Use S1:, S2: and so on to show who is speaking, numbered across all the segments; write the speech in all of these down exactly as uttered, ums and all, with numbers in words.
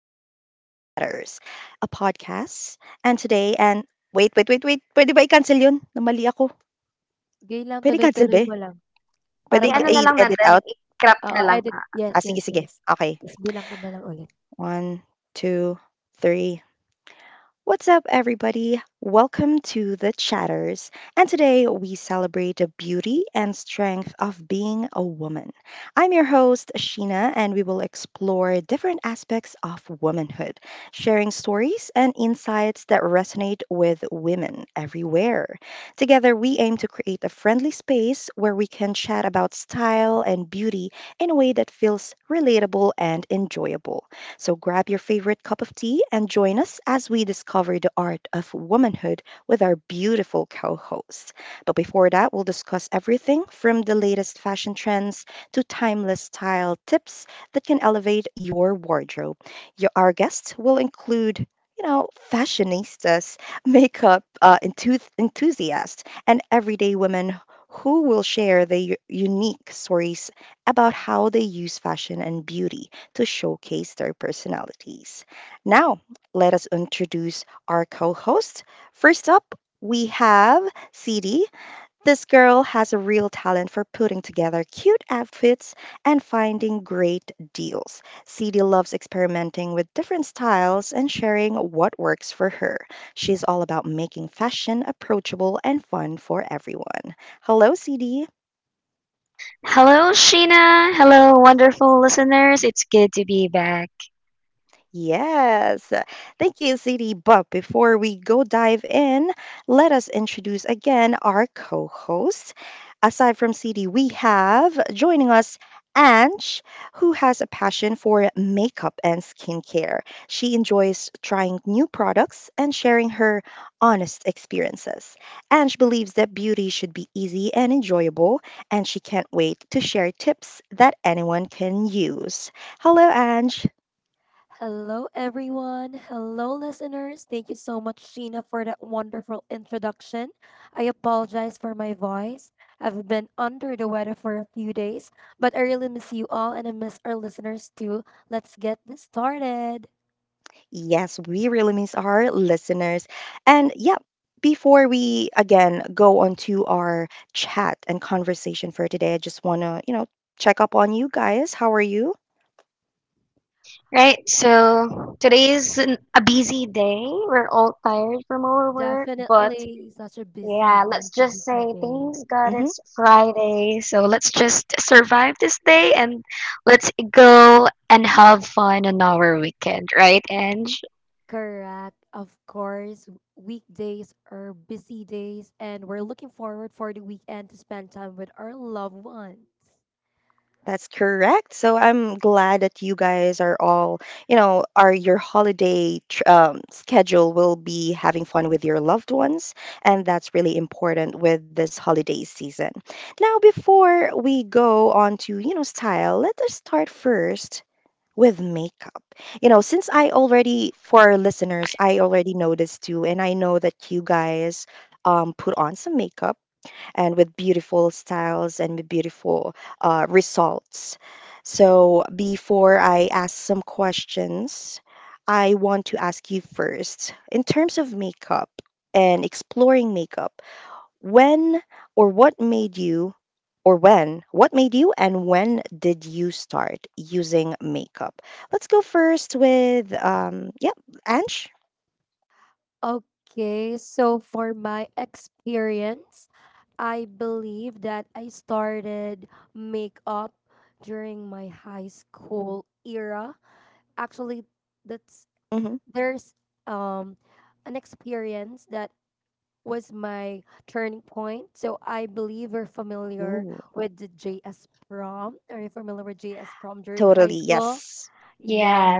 S1: to The Chatters, a podcast. And today, and wait, wait, wait, wait. Pwede ba i-cancel yun? Namali ako.
S2: Sige lang
S1: Pwede cancel
S2: tuloy-tuloy
S1: ba?
S2: mo lang para
S1: Pwede I-
S2: ma-edit,
S1: edit out?
S2: oo edit, yes,
S1: Ah, sige,
S2: yes,
S1: sige.
S2: yes.
S1: Okay.
S2: Tapos bilang ka na lang ulit.
S1: One, two, three. What's up, everybody? Welcome to The Chatters. And today we celebrate the beauty and strength of being a woman. I'm your host, Sheena, and we will explore different aspects of womanhood, sharing stories and insights that resonate with women everywhere. Together, we aim to create a friendly space where we can chat about style and beauty in a way that feels relatable and enjoyable. So grab your favorite cup of tea and join us as we discover the art of womanhood with our beautiful co hosts. But before that, we'll discuss everything from the latest fashion trends to timeless style tips that can elevate your wardrobe. Your, our guests will include you know, fashionistas, makeup uh, enthuth- enthusiasts, and everyday women who will share their u- unique stories about how they use fashion and beauty to showcase their personalities. Now, let us introduce our co hosts. First up, we have City. This girl has a real talent for putting together cute outfits and finding great deals. City loves experimenting with different styles and sharing what works for her. She's all about making fashion approachable and fun for everyone. Hello, C D. Yes. Thank you, C D. But before we go dive in, let us introduce again our co host. Aside from C D, we have joining us Ange, who has a passion for makeup and skincare. She enjoys trying new products and sharing her honest experiences. Ange believes that beauty should be easy and enjoyable, and she can't wait to share tips that anyone can use. Hello, Ange.
S2: Hello everyone, hello listeners. Thank you so much Sheena for that wonderful introduction. I apologize for my voice. I've been under the weather for a few days, but I really miss you all and I miss our listeners too. Let's get this started.
S1: Yes, we really miss our listeners. And yeah, before we again go on to our chat and conversation for today, I just want to, you know, check up on you guys. How are you?
S2: Definitely such a busy week, busy day.
S1: Hmm.
S2: Correct. Of course, weekdays are busy days, and we're looking forward for the weekend to spend time with our loved ones.
S1: That's correct. So I'm glad that you guys are all, you know, are your holiday tr- um, schedule will be having fun with your loved ones. And that's really important with this holiday season. Now, before we go on to, you know, style, let us start first with makeup. You know, since I already, for our listeners, I already noticed too, and I know that you guys um, put on some makeup and with beautiful styles and with beautiful uh, results. So before I ask some questions, I want to ask you first, in terms of makeup and exploring makeup, when or what made you, or when, what made you and when did you start using makeup? Let's go first with, um, yeah, Ange.
S2: Okay, so for my experience, I believe that I started makeup during my high school era. Actually, that's
S1: Mm-hmm.
S2: there's um an experience that was my turning point. So I believe you're familiar
S1: Ooh,
S2: with the J S prom. Are you familiar with J S prom during high
S1: totally,
S2: school?
S1: yes.
S2: Yes,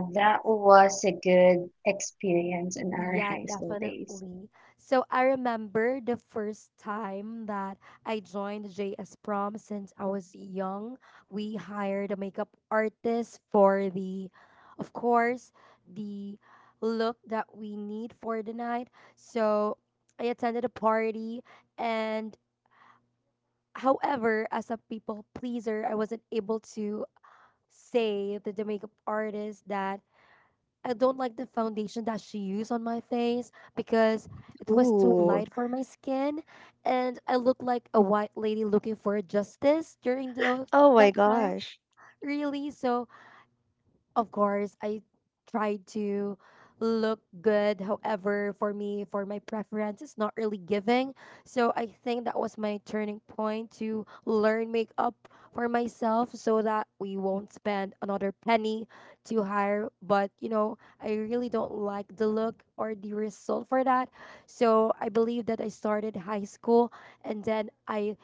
S2: yeah, definitely. So I remember the first time that I joined J S prom since I was young. We hired a makeup artist for the, of course, the look that we need for the night. So I attended a party and However, as a people pleaser, I wasn't able to say to the makeup artist that I don't like the foundation that she used on my face because it was too
S1: Ooh,
S2: light for my skin and I looked like a white lady looking for justice during those
S1: oh my
S2: that time,
S1: gosh.
S2: really. So of course, I try to look good. However, for me, for my preference, it's not really giving. So I think that was my turning point to learn makeup for myself so that we won't spend another penny to hire. But, you know, I really don't like the look or the result for that. So I believe that I started high school and then I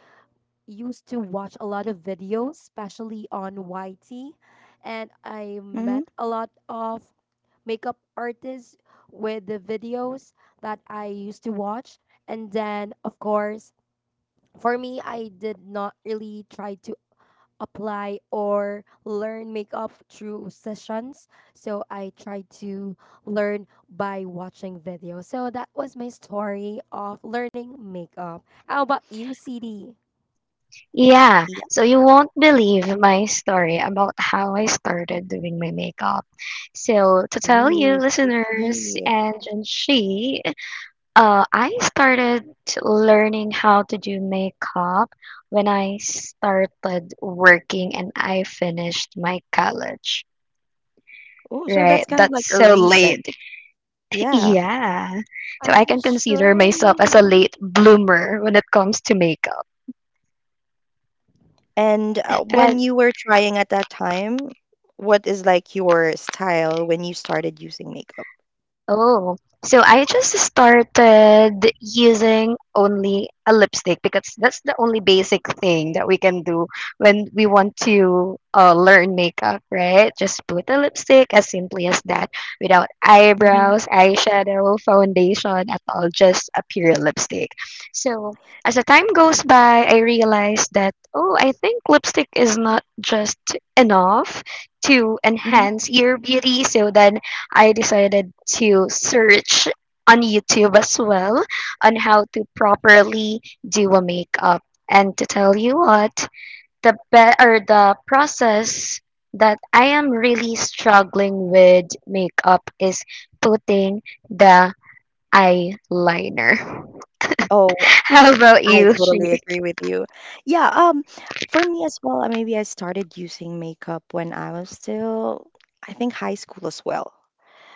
S2: used to watch a lot of videos, especially on Y T, and I
S1: Mm-hmm.
S2: met a lot of makeup artists with the videos that I used to watch. And then, of course, for me, I did not really try to apply or learn makeup through sessions. So I tried to learn by watching videos. So that was my story of learning makeup. How about you, C D?
S1: Yeah. Ooh, sticky. Oh, so that's kind of like a recent. Yeah.
S2: Are you sure, really?
S1: And uh, when you were trying at that time, what is like your style when you started using makeup? Mm-hmm. Oh, I totally agree with you. Yeah, um, for me as well, uh, maybe I started using makeup when I was still, I think, high school as well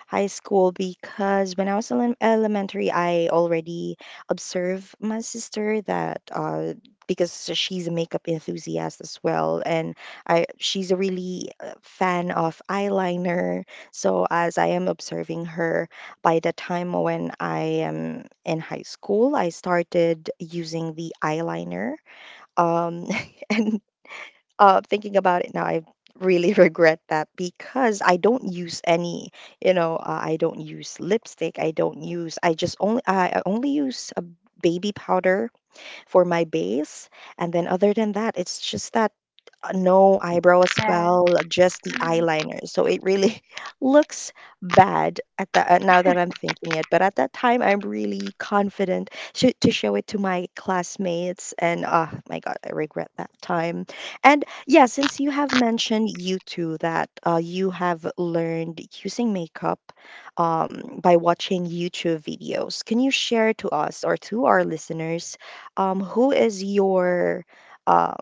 S1: high school, because when I was in elementary, I already observed my sister that uh, because she's a makeup enthusiast as well, and I she's a really uh, fan of eyeliner. So as I am observing her, by the time when I am in high school, I started using the eyeliner. Um, and uh, thinking about it now, I really regret that because I don't use any, you know, uh, I don't use lipstick. I don't use, I just only, I I only use a baby powder for my base. And then other than that, it's just that uh, no eyebrow as well, just the eyeliner. So it really looks bad at the uh, now that I'm thinking it. But at that time, I'm really confident to, to show it to my classmates. And oh my God, I regret that time. And yeah, since you have mentioned you two that uh, you have learned using makeup um, by watching YouTube videos, can you share to us or to our listeners um who is your um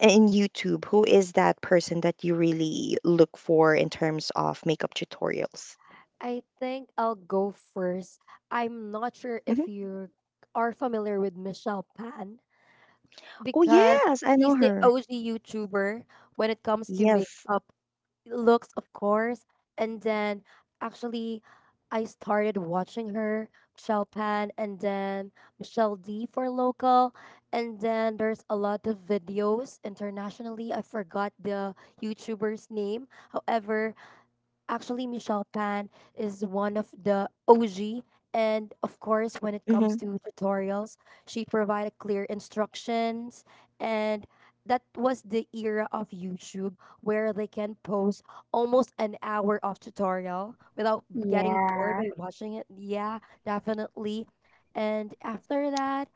S1: in YouTube, who is that person that you really look for in terms of makeup tutorials?
S2: I think I'll go first. I'm not sure if
S1: Hmm.
S2: you are familiar with Michelle Pan,
S1: Oh
S2: because
S1: yes, I know
S2: she's the
S1: her.
S2: O G YouTuber when it comes to
S1: Yes.
S2: makeup looks, of course. And then actually, I started watching her, Michelle Pan, and then Michelle D for local. And then there's a lot of videos internationally. I forgot the YouTuber's name. However, Actually, Michelle Pan is one of the O G. And of course, when it comes
S1: Hmm.
S2: to tutorials, she provided clear instructions. And that was the era of YouTube where they can post almost an hour of tutorial without getting bored by watching it. Yeah, definitely. And after that,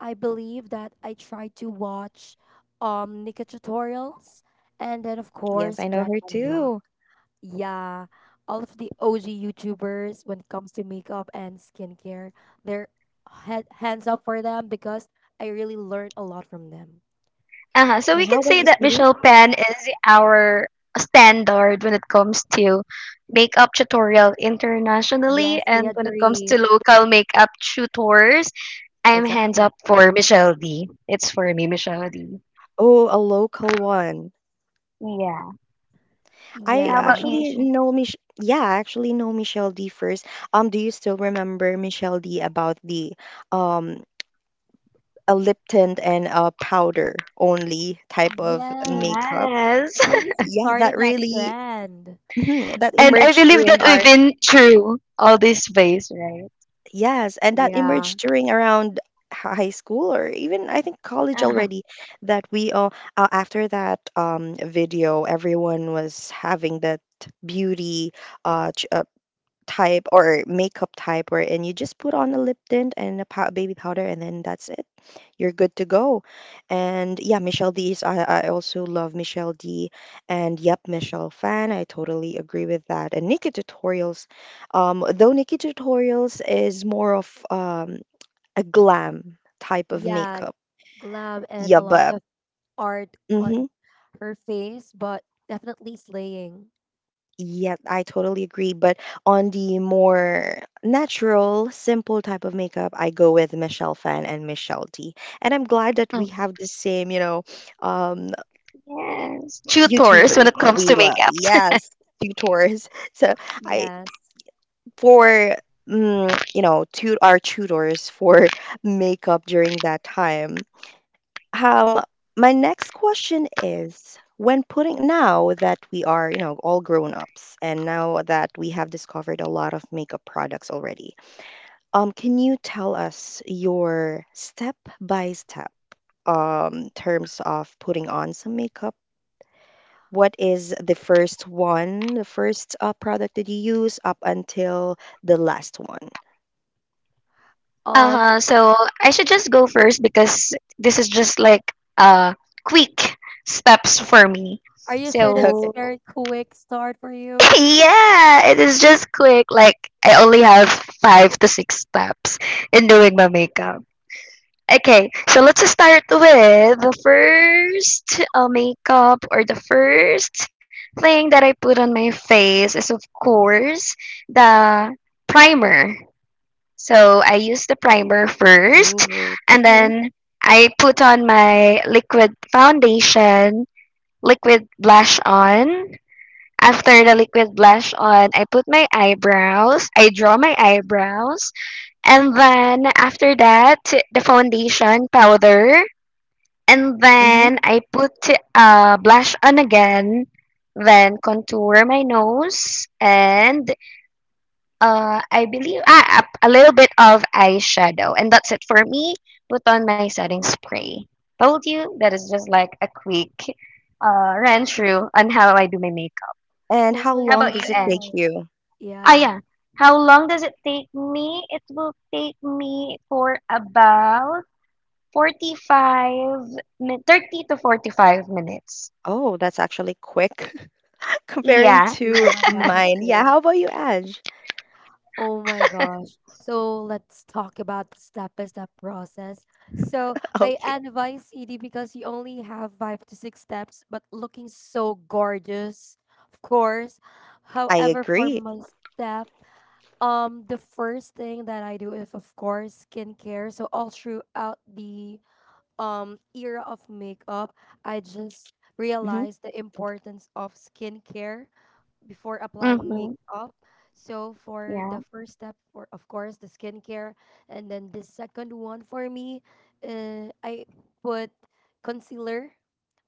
S2: I believe that I tried to watch um Nika tutorials and then of
S1: Yes,
S2: course
S1: I know
S2: Brett
S1: her
S2: and Rock.
S1: too.
S2: Yeah, all of the O G YouTubers when it comes to makeup and skincare, they're head, hands up for them because I really learned a lot from them.
S1: And how about you, Stevie?
S2: Yes, I agree.
S1: Exactly. Oh, a local one. I
S2: Yeah.
S1: actually know Mich yeah, I actually know Michelle D first. Um, do you still remember Michelle D about the um a lip tint and a powder only type of
S2: Yes.
S1: makeup?
S2: I believe she
S1: Yeah, that
S2: started that
S1: really
S2: trend.
S1: mhm, that emerged during our yes, and that
S2: Yeah.
S1: emerged during around hi- high school or even I think college already that we all uh, after that um video, everyone was having that beauty uh, ch- uh type or makeup type wherein you just put on a lip tint and a pow- baby powder and then that's it, you're good to go. And yeah, michelle d's i, I also love Michelle D. And yep, Michelle Fan, I totally agree with that. And Nikki Tutorials, um though Nikki Tutorials is more of um a glam type of
S2: Yeah.
S1: makeup.
S2: Glam and a
S1: Yeah,
S2: lot
S1: but
S2: of art on
S1: mhm.
S2: her face, but definitely slaying.
S1: Yes, I totally agree. But on the more natural, simple type of makeup, I go with Michelle Fan and Michelle D. And I'm glad that we have the same, you know, um, YouTubers that we love. Yes, tutors. So I
S2: Yes.
S1: for mm, you know, tut our tutors for makeup during that time. Um, my next question is when putting, now that we are, you know, all grown ups, and now that we have discovered a lot of makeup products already, um, can you tell us your step by step um terms of putting on some makeup? What is the first one, the first uh, product that you use up until the last one?
S2: Um, are you sure that it's
S1: Okay.
S2: very quick start for you?
S1: Ooh, okay. Hmm. And
S2: Oh
S1: how
S2: my
S1: long does it take
S2: God.
S1: you?
S2: Yeah.
S1: Oh, that's actually quick. Comparing to
S2: Yeah,
S1: mine. Yeah,
S2: definitely.
S1: how about you, Aj?
S2: Oh my gosh. So let's talk about the step-by-step process. So I
S1: Okay,
S2: advise C D because you only have five to six steps, but looking so gorgeous, of course.
S1: I
S2: However, for
S1: agree.
S2: my step, um, the first thing that I do is of course skincare. So all throughout the um era of makeup, I just
S1: Hmm.
S2: realized the importance of skincare before applying makeup. So for the first step, for of course the skincare, and then the second one for me, uh, I put concealer.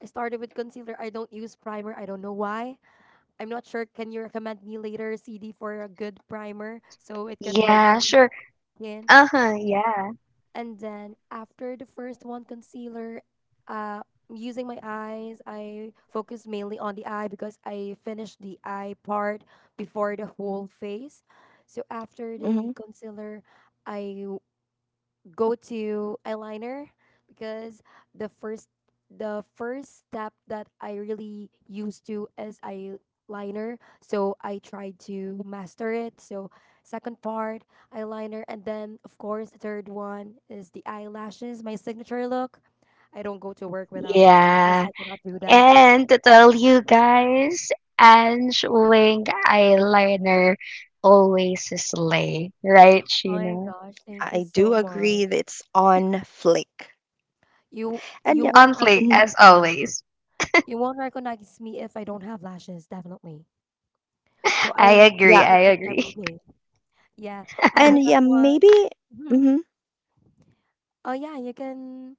S2: I started with concealer. I don't use primer. I don't know why. I'm not sure. Can you recommend me later, C D, for a good primer so it can hold my skin? And then after the first one, concealer, uh, using my eyes, I focus mainly on the eye because I finished the eye part before the whole face. So after the
S1: Hmm.
S2: concealer, I go to eyeliner because the first the first step that I really used to is eyeliner. So I tried to master it. So second part, eyeliner, and then of course the third one is the eyelashes, my signature look. I don't go to work without eyelashes. I cannot do that. Oh my gosh, thank you
S1: I
S2: so
S1: do agree that
S2: much.
S1: it's on Flick.
S2: You
S1: And
S2: you
S1: yeah,
S2: won't
S1: hmm,
S2: recognize me. You won't recognize me if I don't have lashes, definitely. So I need to
S1: yeah,
S2: put it every day. Yeah. After
S1: and
S2: that
S1: yeah,
S2: one,
S1: maybe.
S2: mhm.
S1: Hmm.
S2: Oh yeah, you can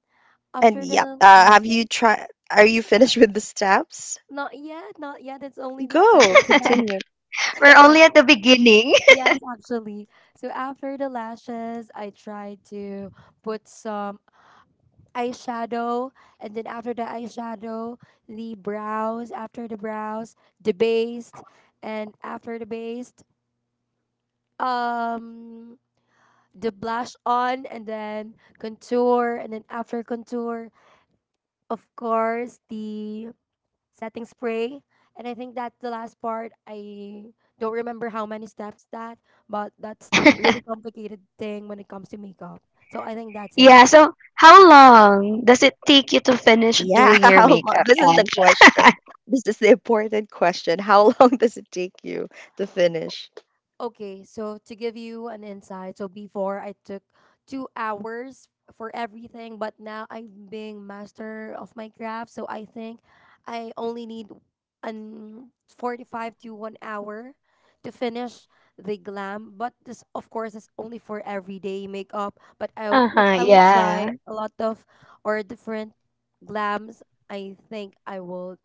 S1: And
S2: after
S1: yeah,
S2: the
S1: uh, have you
S2: lashes.
S1: tried? Are you finished with the steps?
S2: Not yet, not yet. It's only the
S1: Go,
S2: second step.
S1: continue.
S2: Uh, yes, actually. So after the lashes, I try to put some eyeshadow, and then after the eyeshadow, the brows. After the brows, the base, and after the base, um, the blush on, and then contour, and then after contour, of course, the setting spray. And I think that's the last part. I don't remember how many steps that, but that's the really complicated thing when it comes to makeup. So I think that's it.
S1: Yeah, how long? This is the question. This is the important question. How long does it take you to finish?
S2: Okay, so to give you an insight, so before I took two hours for everything, but now I'm being master of my craft. So I think I only need an forty-five to one hour to finish the glam. But this, of course, is only for everyday makeup. But I, w- if I will try a lot of or different glams, I think I will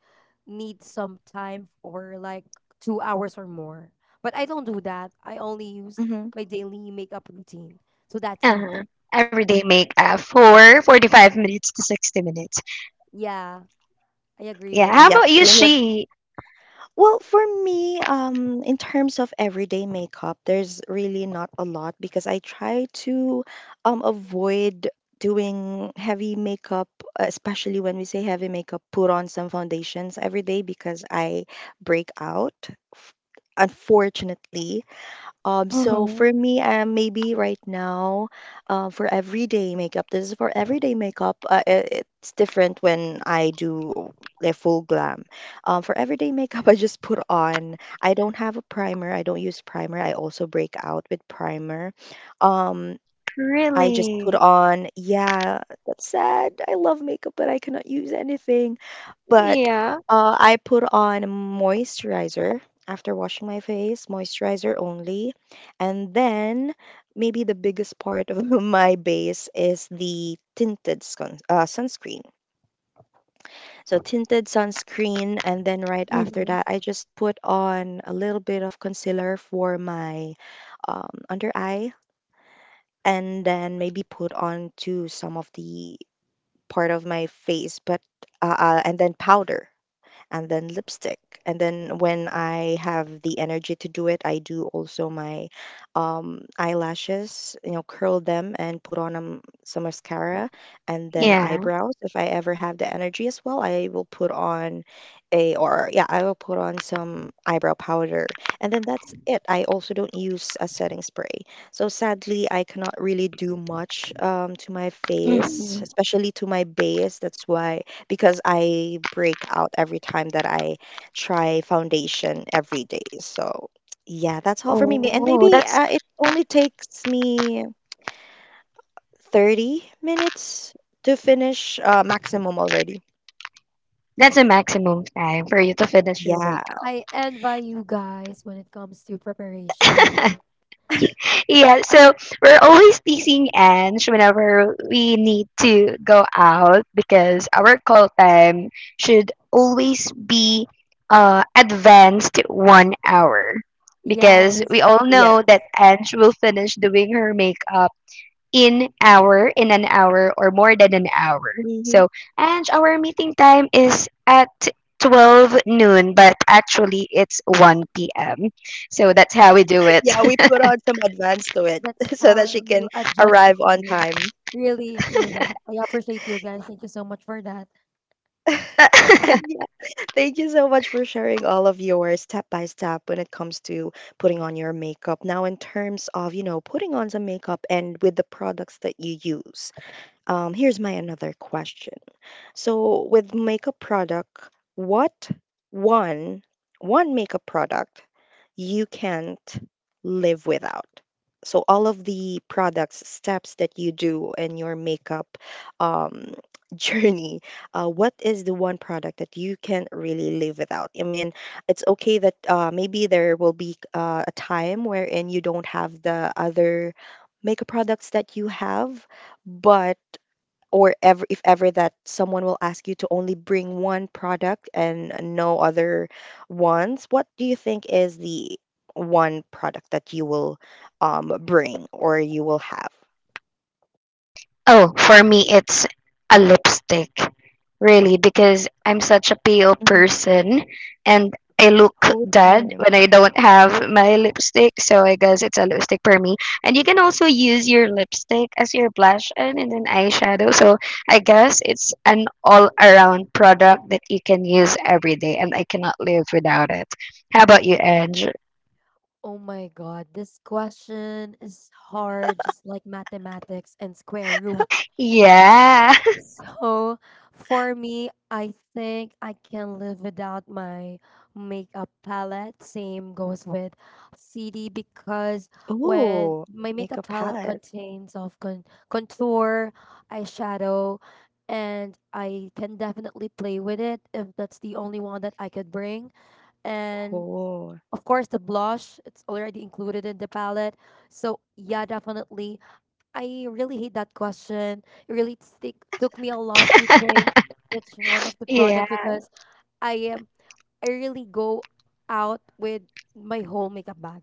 S2: need some time for like two hours or more. But I don't do that. I only use
S1: Hmm.
S2: my daily makeup routine. So that's it. Yeah, I agree with that.
S1: Yep, same with. Well, for me, um, in terms of everyday makeup, there's really not a lot because I try to um, avoid doing heavy makeup, especially when we say heavy makeup, put on some foundations every day because I break out, f- unfortunately. Um, so for me, um, maybe right now, uh, for everyday makeup, this is for everyday makeup. Uh, it, it's different when I do the full glam. Um, for everyday makeup, I just put on. I don't have a primer. I don't use primer. I also break out with primer. Um, I just put on. Yeah, that's sad. I love makeup, but I cannot use anything. But uh, I put on moisturizer after washing my face, moisturizer only. And then maybe the biggest part of my base is the tinted sun, uh, sunscreen. So tinted sunscreen, and then right after that, I just put on a little bit of concealer for my um, under eye, and then maybe put on to some of the part of my face, but uh, uh, and then powder. And then lipstick. And then when I have the energy to do it, I do also my um, eyelashes, you know, curl them and put on um, some mascara and then eyebrows. If I ever have the energy as well, I will put on a, or yeah, I will put on some eyebrow powder. And then that's it. I also don't use a setting spray. So sadly, I cannot really do much um, to my face, especially to my base. That's why, because I break out every time that I try foundation every day. So yeah, that's all for me. May- And maybe uh, it only takes me thirty minutes to finish uh, maximum already. Yeah,
S2: I envy you guys when it comes to preparation. Yes,
S1: yeah. hmm Yeah, we put on some advance to it
S2: that's
S1: so
S2: how
S1: that she
S2: um,
S1: can
S2: you adjust the
S1: arrive on
S2: time.
S1: time.
S2: Really, really. I appreciate you guys. Thank you so much for that.
S1: And thank you so much for sharing all of your step by step when it comes to putting on your makeup. Now, in terms of, you know, putting on some makeup and with the products that you use, um, here's my another question. So with makeup product, what one one makeup product you can't live without? So all of the products steps that you do in your makeup um, journey, uh, what is the one product that you can't really live without? I mean, it's okay that uh, maybe there will be uh, a time wherein you don't have the other makeup products that you have, but or ever if ever that someone will ask you to only bring one product and no other ones, what do you think is the one product that you will um bring or you will have? Mm-hmm. Oh, yeah.
S2: Oh my God, this question is hard, just like mathematics and square root. So for me, I think I can live without my makeup palette. Same goes with C D, because when
S1: Oh,
S2: my makeup
S1: makeup
S2: palette
S1: palette.
S2: contains of con contour, eyeshadow, and I can definitely play with it if that's the only one that I could bring. And
S1: Oh,
S2: of course, the blush, it's already included in the palette. So yeah, definitely I really hate that question. It really stick, took me a lot to think which one of the product because I am I really go out with my whole makeup bag.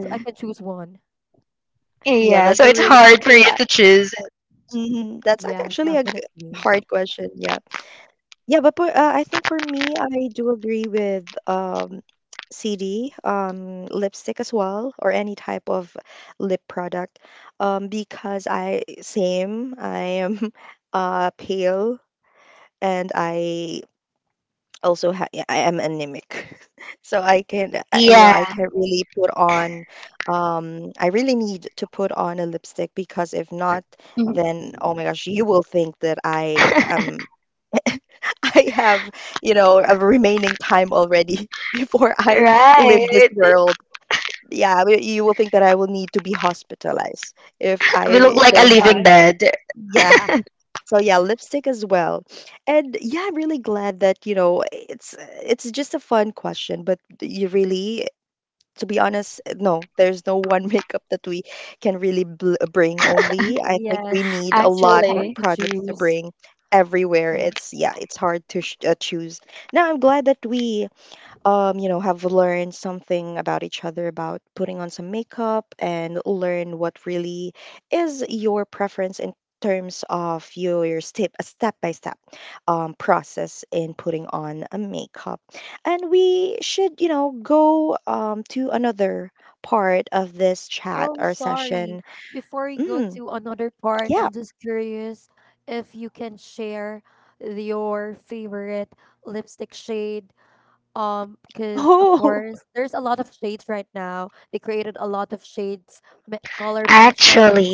S2: So I can choose one.
S1: yeah, that's a really yeah. Mhm. That's like
S2: Yes,
S1: actually a g-
S2: definitely.
S1: hard question. Yeah, yeah, but, but uh, I think for me, I do agree with um C D, um, lipstick as well, or any type of lip product, um, because I same I am uh, pale and I also ha- I am anemic, so I can I- you know I can't really put on. Um, I really need to put on a lipstick because if not, then oh my gosh, you will think that I am. I have, you know, a remaining time already before I leave this world, yeah, but you will think that I will need to be hospitalized if I
S2: Oh my
S1: don't have my, yeah.
S2: god.
S1: So yeah, lipstick as well. And yeah, I'm really glad that, you know, it's it's just a fun question, but you really to be honest, no, there's no one makeup that we can really bl bring only. I think we
S2: Yes.
S1: need a
S2: It's so
S1: lot of
S2: hard to
S1: products to
S2: choose.
S1: bring everywhere.
S2: Yeah.
S1: It's yeah, it's hard to sh uh, choose. Now I'm glad that we um, you know, have learned something about each other about putting on some makeup and learn what really is your preference in terms of your, your step a step by step um, process in putting on a makeup. And we should, you know, go um, to another part of this chat
S2: Oh,
S1: or
S2: sorry.
S1: session.
S2: Before we go
S1: Mm,
S2: to another part,
S1: yeah.
S2: I'm just curious if you can share your favorite lipstick shade. Um, because of
S1: Oh,
S2: course there's a lot of shades right now. They created a lot of shades, ma- color matches,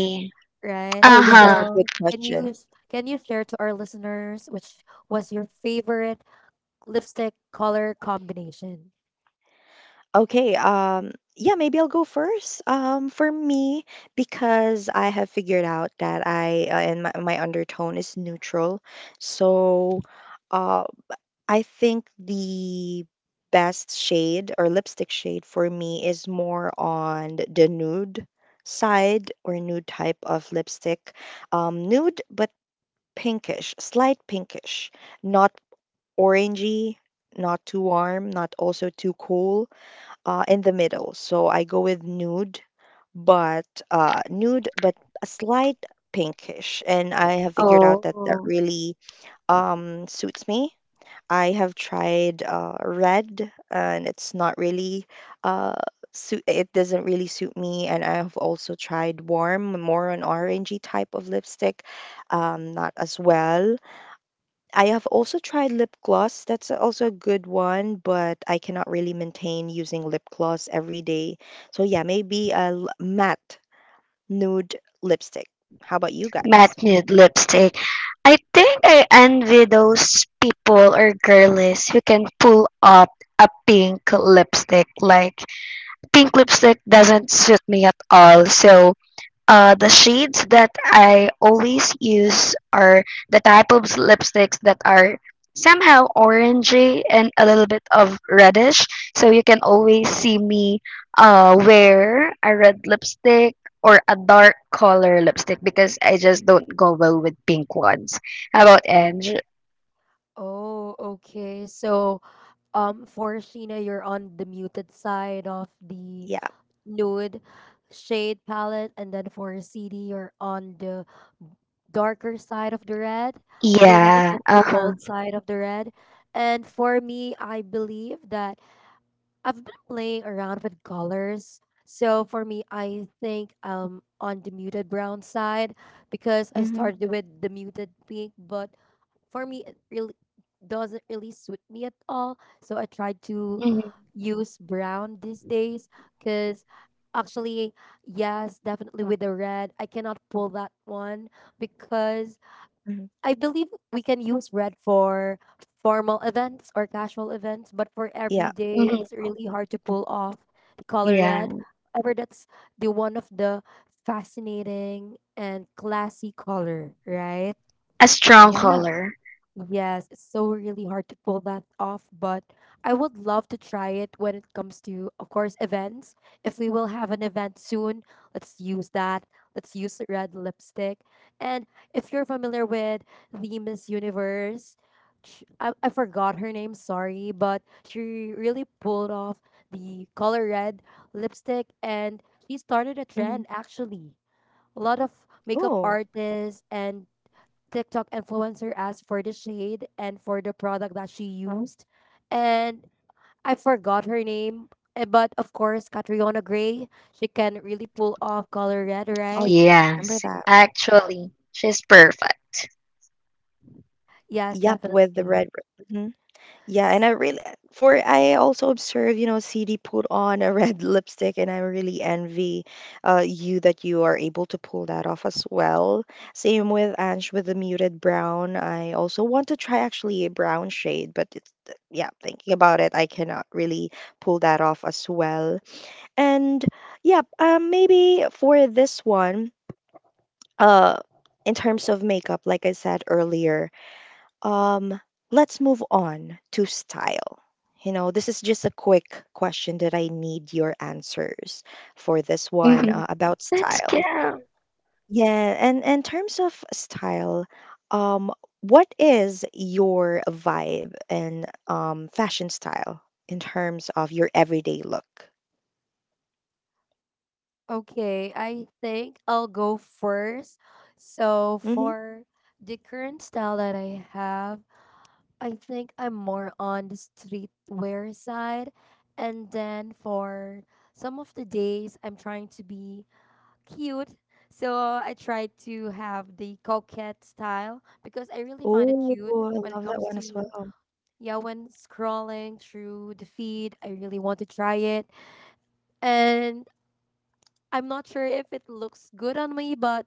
S2: right?
S1: oh yeah, that's a good
S2: So can
S1: question.
S2: you s- can you share to our listeners which was your favorite lipstick color combination?
S1: Okay, um, yeah, maybe I'll go first. Um, for me, because I have figured out that I uh, and my, my undertone is neutral, so uh, I think the best shade or lipstick shade for me is more on the nude side or nude type of lipstick. Um, nude but pinkish, slight pinkish, not orangey, not too warm, not also too cool uh, in the middle. So I go with nude, but uh, nude, but a slight pinkish. And I have figured out that that really um, suits me. I have tried uh, red, and it's not really uh, suit. It doesn't really suit me. And I have also tried warm, more an orangey type of lipstick, um, not as well. I have also tried lip gloss. That's also a good one, but I cannot really maintain using lip gloss every day. So yeah, maybe a l- matte nude lipstick. How about you guys?
S2: Oh, okay. So um, for Sheena, you're on the muted side of the
S1: Yeah.
S2: nude shade palette, and then for C D you're on the darker side of the red. I believe that's the bold side of the red. And for me, I believe that I've been playing around with colors. So for me, I think um on the muted brown side, because I
S1: Mm-hmm.
S2: started with the muted pink, but for me it really doesn't really suit me at all, so I try to use brown these days. Because actually, yes, definitely with the red I cannot pull that one, because
S1: Hmm.
S2: I believe we can use red for formal events or casual events, but for
S1: Yeah.
S2: every day it's really hard to pull off the color red. However, that's the one of the fascinating and classy color, right?
S1: Yeah.
S2: Yes, it's so really hard to pull that off, but I would love to try it when it comes to, of course, events. If we will have an event soon, let's use that. Let's use red lipstick. And if you're familiar with the Miss Universe, sh I, I forgot her name, sorry, but she really pulled off the color red lipstick and she started a
S1: Hmm.
S2: trend actually. A lot of makeup
S1: Oh.
S2: artists and TikTok influencer asked for the shade and for the product that she used. And I forgot her name. eh, But of course, Catriona Gray, she can really pull off color red,
S1: Oh, yeah.
S2: right?
S1: Remember that.
S2: Yes,
S1: Yep, with the red.
S2: definitely.
S1: Yeah, and I
S2: S-
S1: really for I also observe, you know, C D put on a red lipstick, and I really envy uh, you that you are able to pull that off as well. Same with Ange with the muted brown. I also want to try actually a brown shade, but it's, yeah, thinking about it, I cannot really pull that off as well. And yeah, um, maybe for this one, uh, in terms of makeup, like I said earlier. Um, let's move on to style. You know, this is just a quick question that I need your answers for this one uh, about style. Yeah, and in terms of style, um, what is your vibe and um fashion style in terms of your everyday look?
S2: Okay, I think I'll go first. So
S1: Mm-hmm.
S2: for the current style that I have, I think I'm more on the streetwear side. And then for some of the days, I'm trying to be cute. So I tried to have the coquette style because I really find it
S1: Oh,
S2: cute
S1: I
S2: when it
S1: love that
S2: comes
S1: one as
S2: to,
S1: well.
S2: yeah, when scrolling through the feed. I really want to try it. And I'm not sure if it looks good on me, but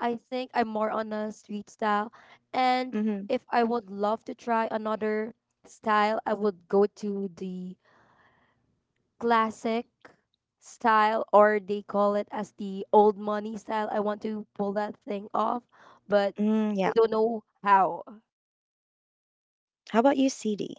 S2: I think I'm more on a street style. And
S1: Mm-hmm.
S2: if I would love to try another style, I would go to the classic style, or they call it as the old money style. I want to pull that thing off, but
S1: Mm,
S2: I
S1: yeah.
S2: don't know how.
S1: How about you, C D?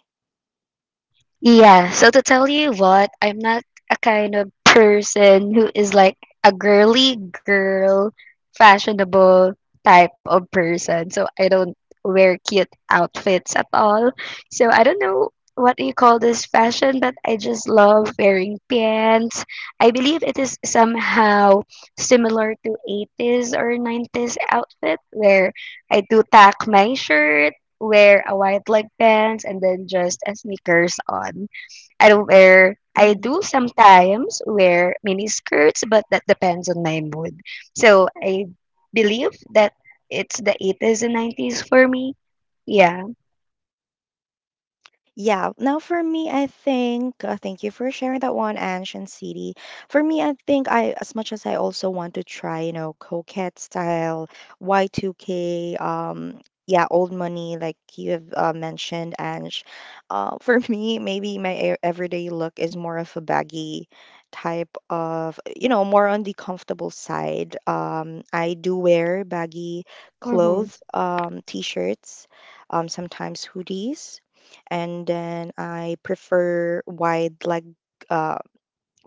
S1: Yeah. Now for me, I think uh, thank you for sharing that one, Ange and City. For me, I think I as much as I also want to try, you know, coquette style, Y two K, um, yeah, old money like you have uh, mentioned, Ange. Uh, for me, maybe my e- everyday look is more of a baggy type of, you know, more on the comfortable side. Um, I do wear baggy clothes, um, t-shirts, um, sometimes hoodies and then I prefer wide leg uh,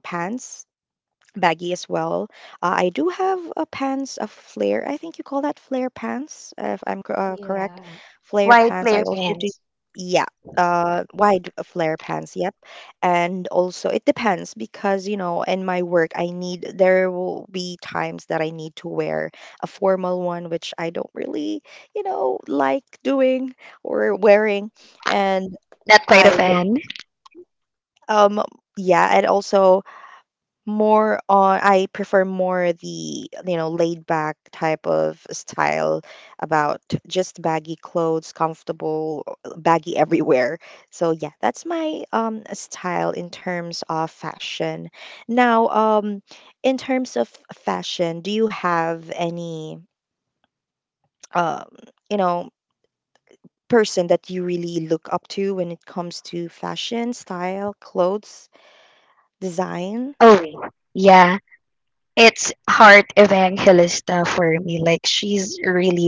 S1: pants, baggy as well. Uh, I do have a pants a flare. I think you call that flare pants, uh, if I'm co- uh, correct.
S2: Yeah.
S1: Flare pants. I also do. Yeah. Uh, wide flare pants, yep. And also, it depends because, you know, in my work, I need, there will be times that I need to wear a formal one, which I don't really, you know, like doing or wearing. And I um, yeah, and also more on I prefer more the, you know, laid back type of style about just baggy clothes, comfortable, uh, baggy everywhere. So yeah, that's my um style in terms of fashion. Now, um, in terms of fashion, do you have any um, you know, person that you really look up to when it comes to fashion, style, clothes, design?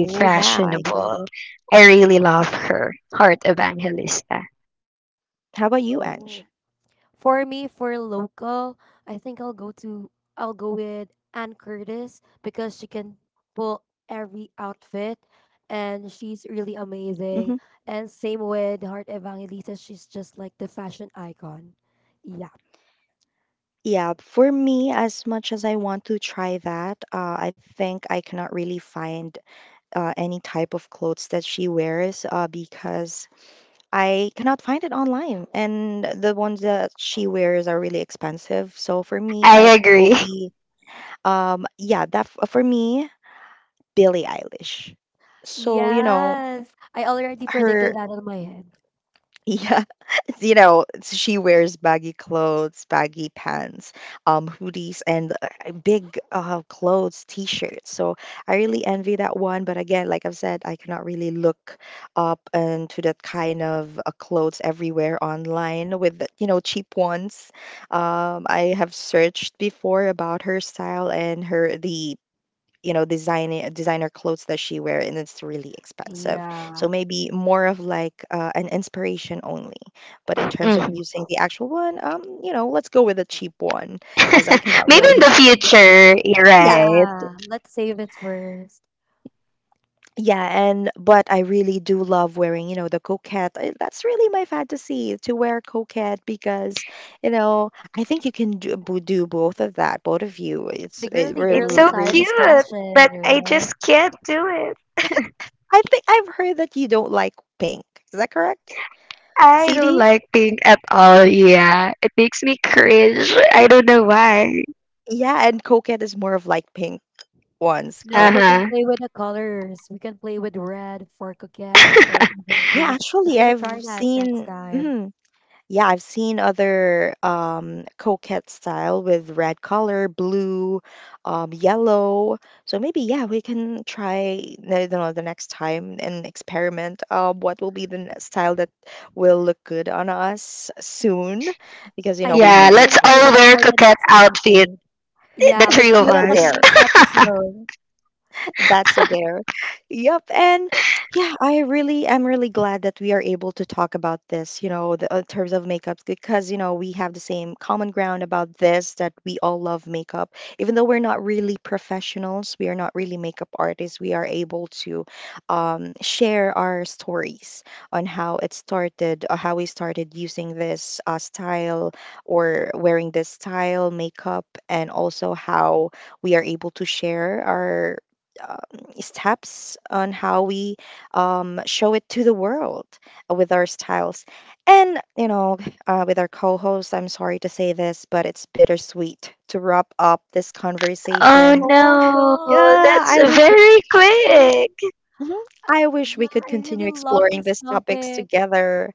S1: Oh, yeah, I agree. How about you, Ange?
S2: Oh. For me, for local, I think I'll go to I'll go with Ann Curtis, because she can pull every outfit and she's really amazing.
S1: Hmm.
S2: And same with Heart Evangelista, she's just like the fashion icon. Yeah.
S1: Yeah, for me, as much as I want to try that, uh, I think I cannot really find uh, any type of clothes that she wears uh, because I cannot find it online. And the ones that she wears are really expensive. So for me, it will be, um, yeah, that f- for me, Billie Eilish. So, you know,
S2: Yes, I already predicted
S1: her
S2: that in my head.
S1: Yeah, you know, she wears baggy clothes, baggy pants, um, hoodies, and uh, big uh, clothes, t-shirts. So I really envy that one. But again, like I've said, I cannot really look up into that kind of uh, clothes everywhere online with, the- you know, cheap ones. Um, I have searched before about her style and her the you know design designer clothes that she wear and it's really expensive so
S2: Yeah.
S1: maybe more of like uh, an inspiration only but in terms of using the actual one um you know let's go with a cheap one as I cannot
S2: Yeah.
S1: really yeah
S2: Yeah. Let's save it first.
S1: yeah and but I really do love wearing you know the coquette I- that's really my fantasy to wear coquette because you know I think you can do, bo- do both of that both of you it's
S2: The
S1: it
S2: girly girly
S1: really
S2: side
S1: really
S2: of
S1: suits you.
S2: fashion, right?
S1: I think I've heard that you don't like pink, is that correct C D? Yeah, and coquette is more of like pink ones,
S2: No, we
S1: correct?
S2: can play with the colors. We can play with red for coquette or even
S1: Yeah,
S2: blue. Let's
S1: actually,
S2: gonna try
S1: I've
S2: that next
S1: seen.
S2: time.
S1: Mhm. Yeah, I've seen other um, coquette style with red color, blue, um, yellow. So maybe yeah, we can try. I don't know the next time and experiment. Uh, what will be the n- style that will look good on us soon? Because you know
S2: I
S1: we
S2: think
S1: meet
S2: we
S1: each
S2: can do
S1: other.
S2: that for the next episode. Yeah,
S1: Let's
S2: let's do
S1: that's
S2: that
S1: a
S2: on the
S1: dare.
S2: next episode.
S1: That's a dare. Yep. And yeah, I really am really glad that we are able to talk about this, you know, the, in terms of makeups, because, you know, we have the same common ground about this that we all love makeup. Even though we're not really professionals, we are not really makeup artists, we are able to um, share our stories on how it started, or how we started using this uh, style or wearing this style makeup, and also how we are able to share our um, steps on how we um, show it to the world with our styles. And, you know, uh, with our co host, I'm sorry to say this, but it's bittersweet to wrap up this conversation.
S2: Oh
S1: Yeah, I
S2: no.
S1: wish. We- Mhm. I wish we
S2: Yeah,
S1: could
S2: I
S1: continue
S2: really love
S1: exploring
S2: this
S1: these topics
S2: topic.
S1: together.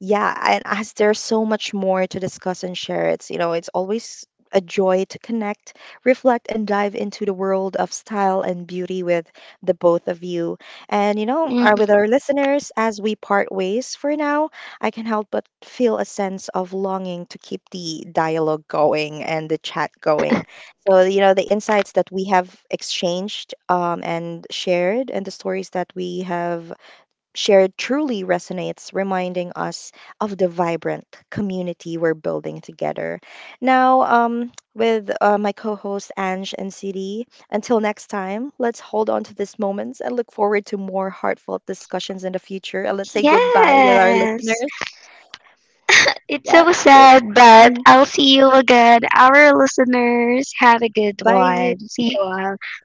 S1: Yeah, and as there's so much more to discuss and share, it's you know, it's always a joy to connect, reflect, and dive into the world of style and beauty with the both of you. And you know, uh, with our listeners, as we part ways for now, I can help but feel a sense of longing to keep the dialogue going and the chat going. So you know, the insights that we have exchanged um, and shared, and the stories that we have shared truly resonates, reminding us of the vibrant community we're building together. Now, um, with uh, my co host Ange and City, until next time, let's hold on to these moments and look forward to more heartfelt discussions in the future. And let's say goodbye with our listeners. Yeah. Do it. Mhm. Bye.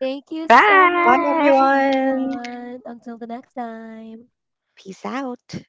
S2: Thank you so
S1: Bye,
S2: much,
S1: everyone.
S2: everyone. Until the next time.
S1: Peace out.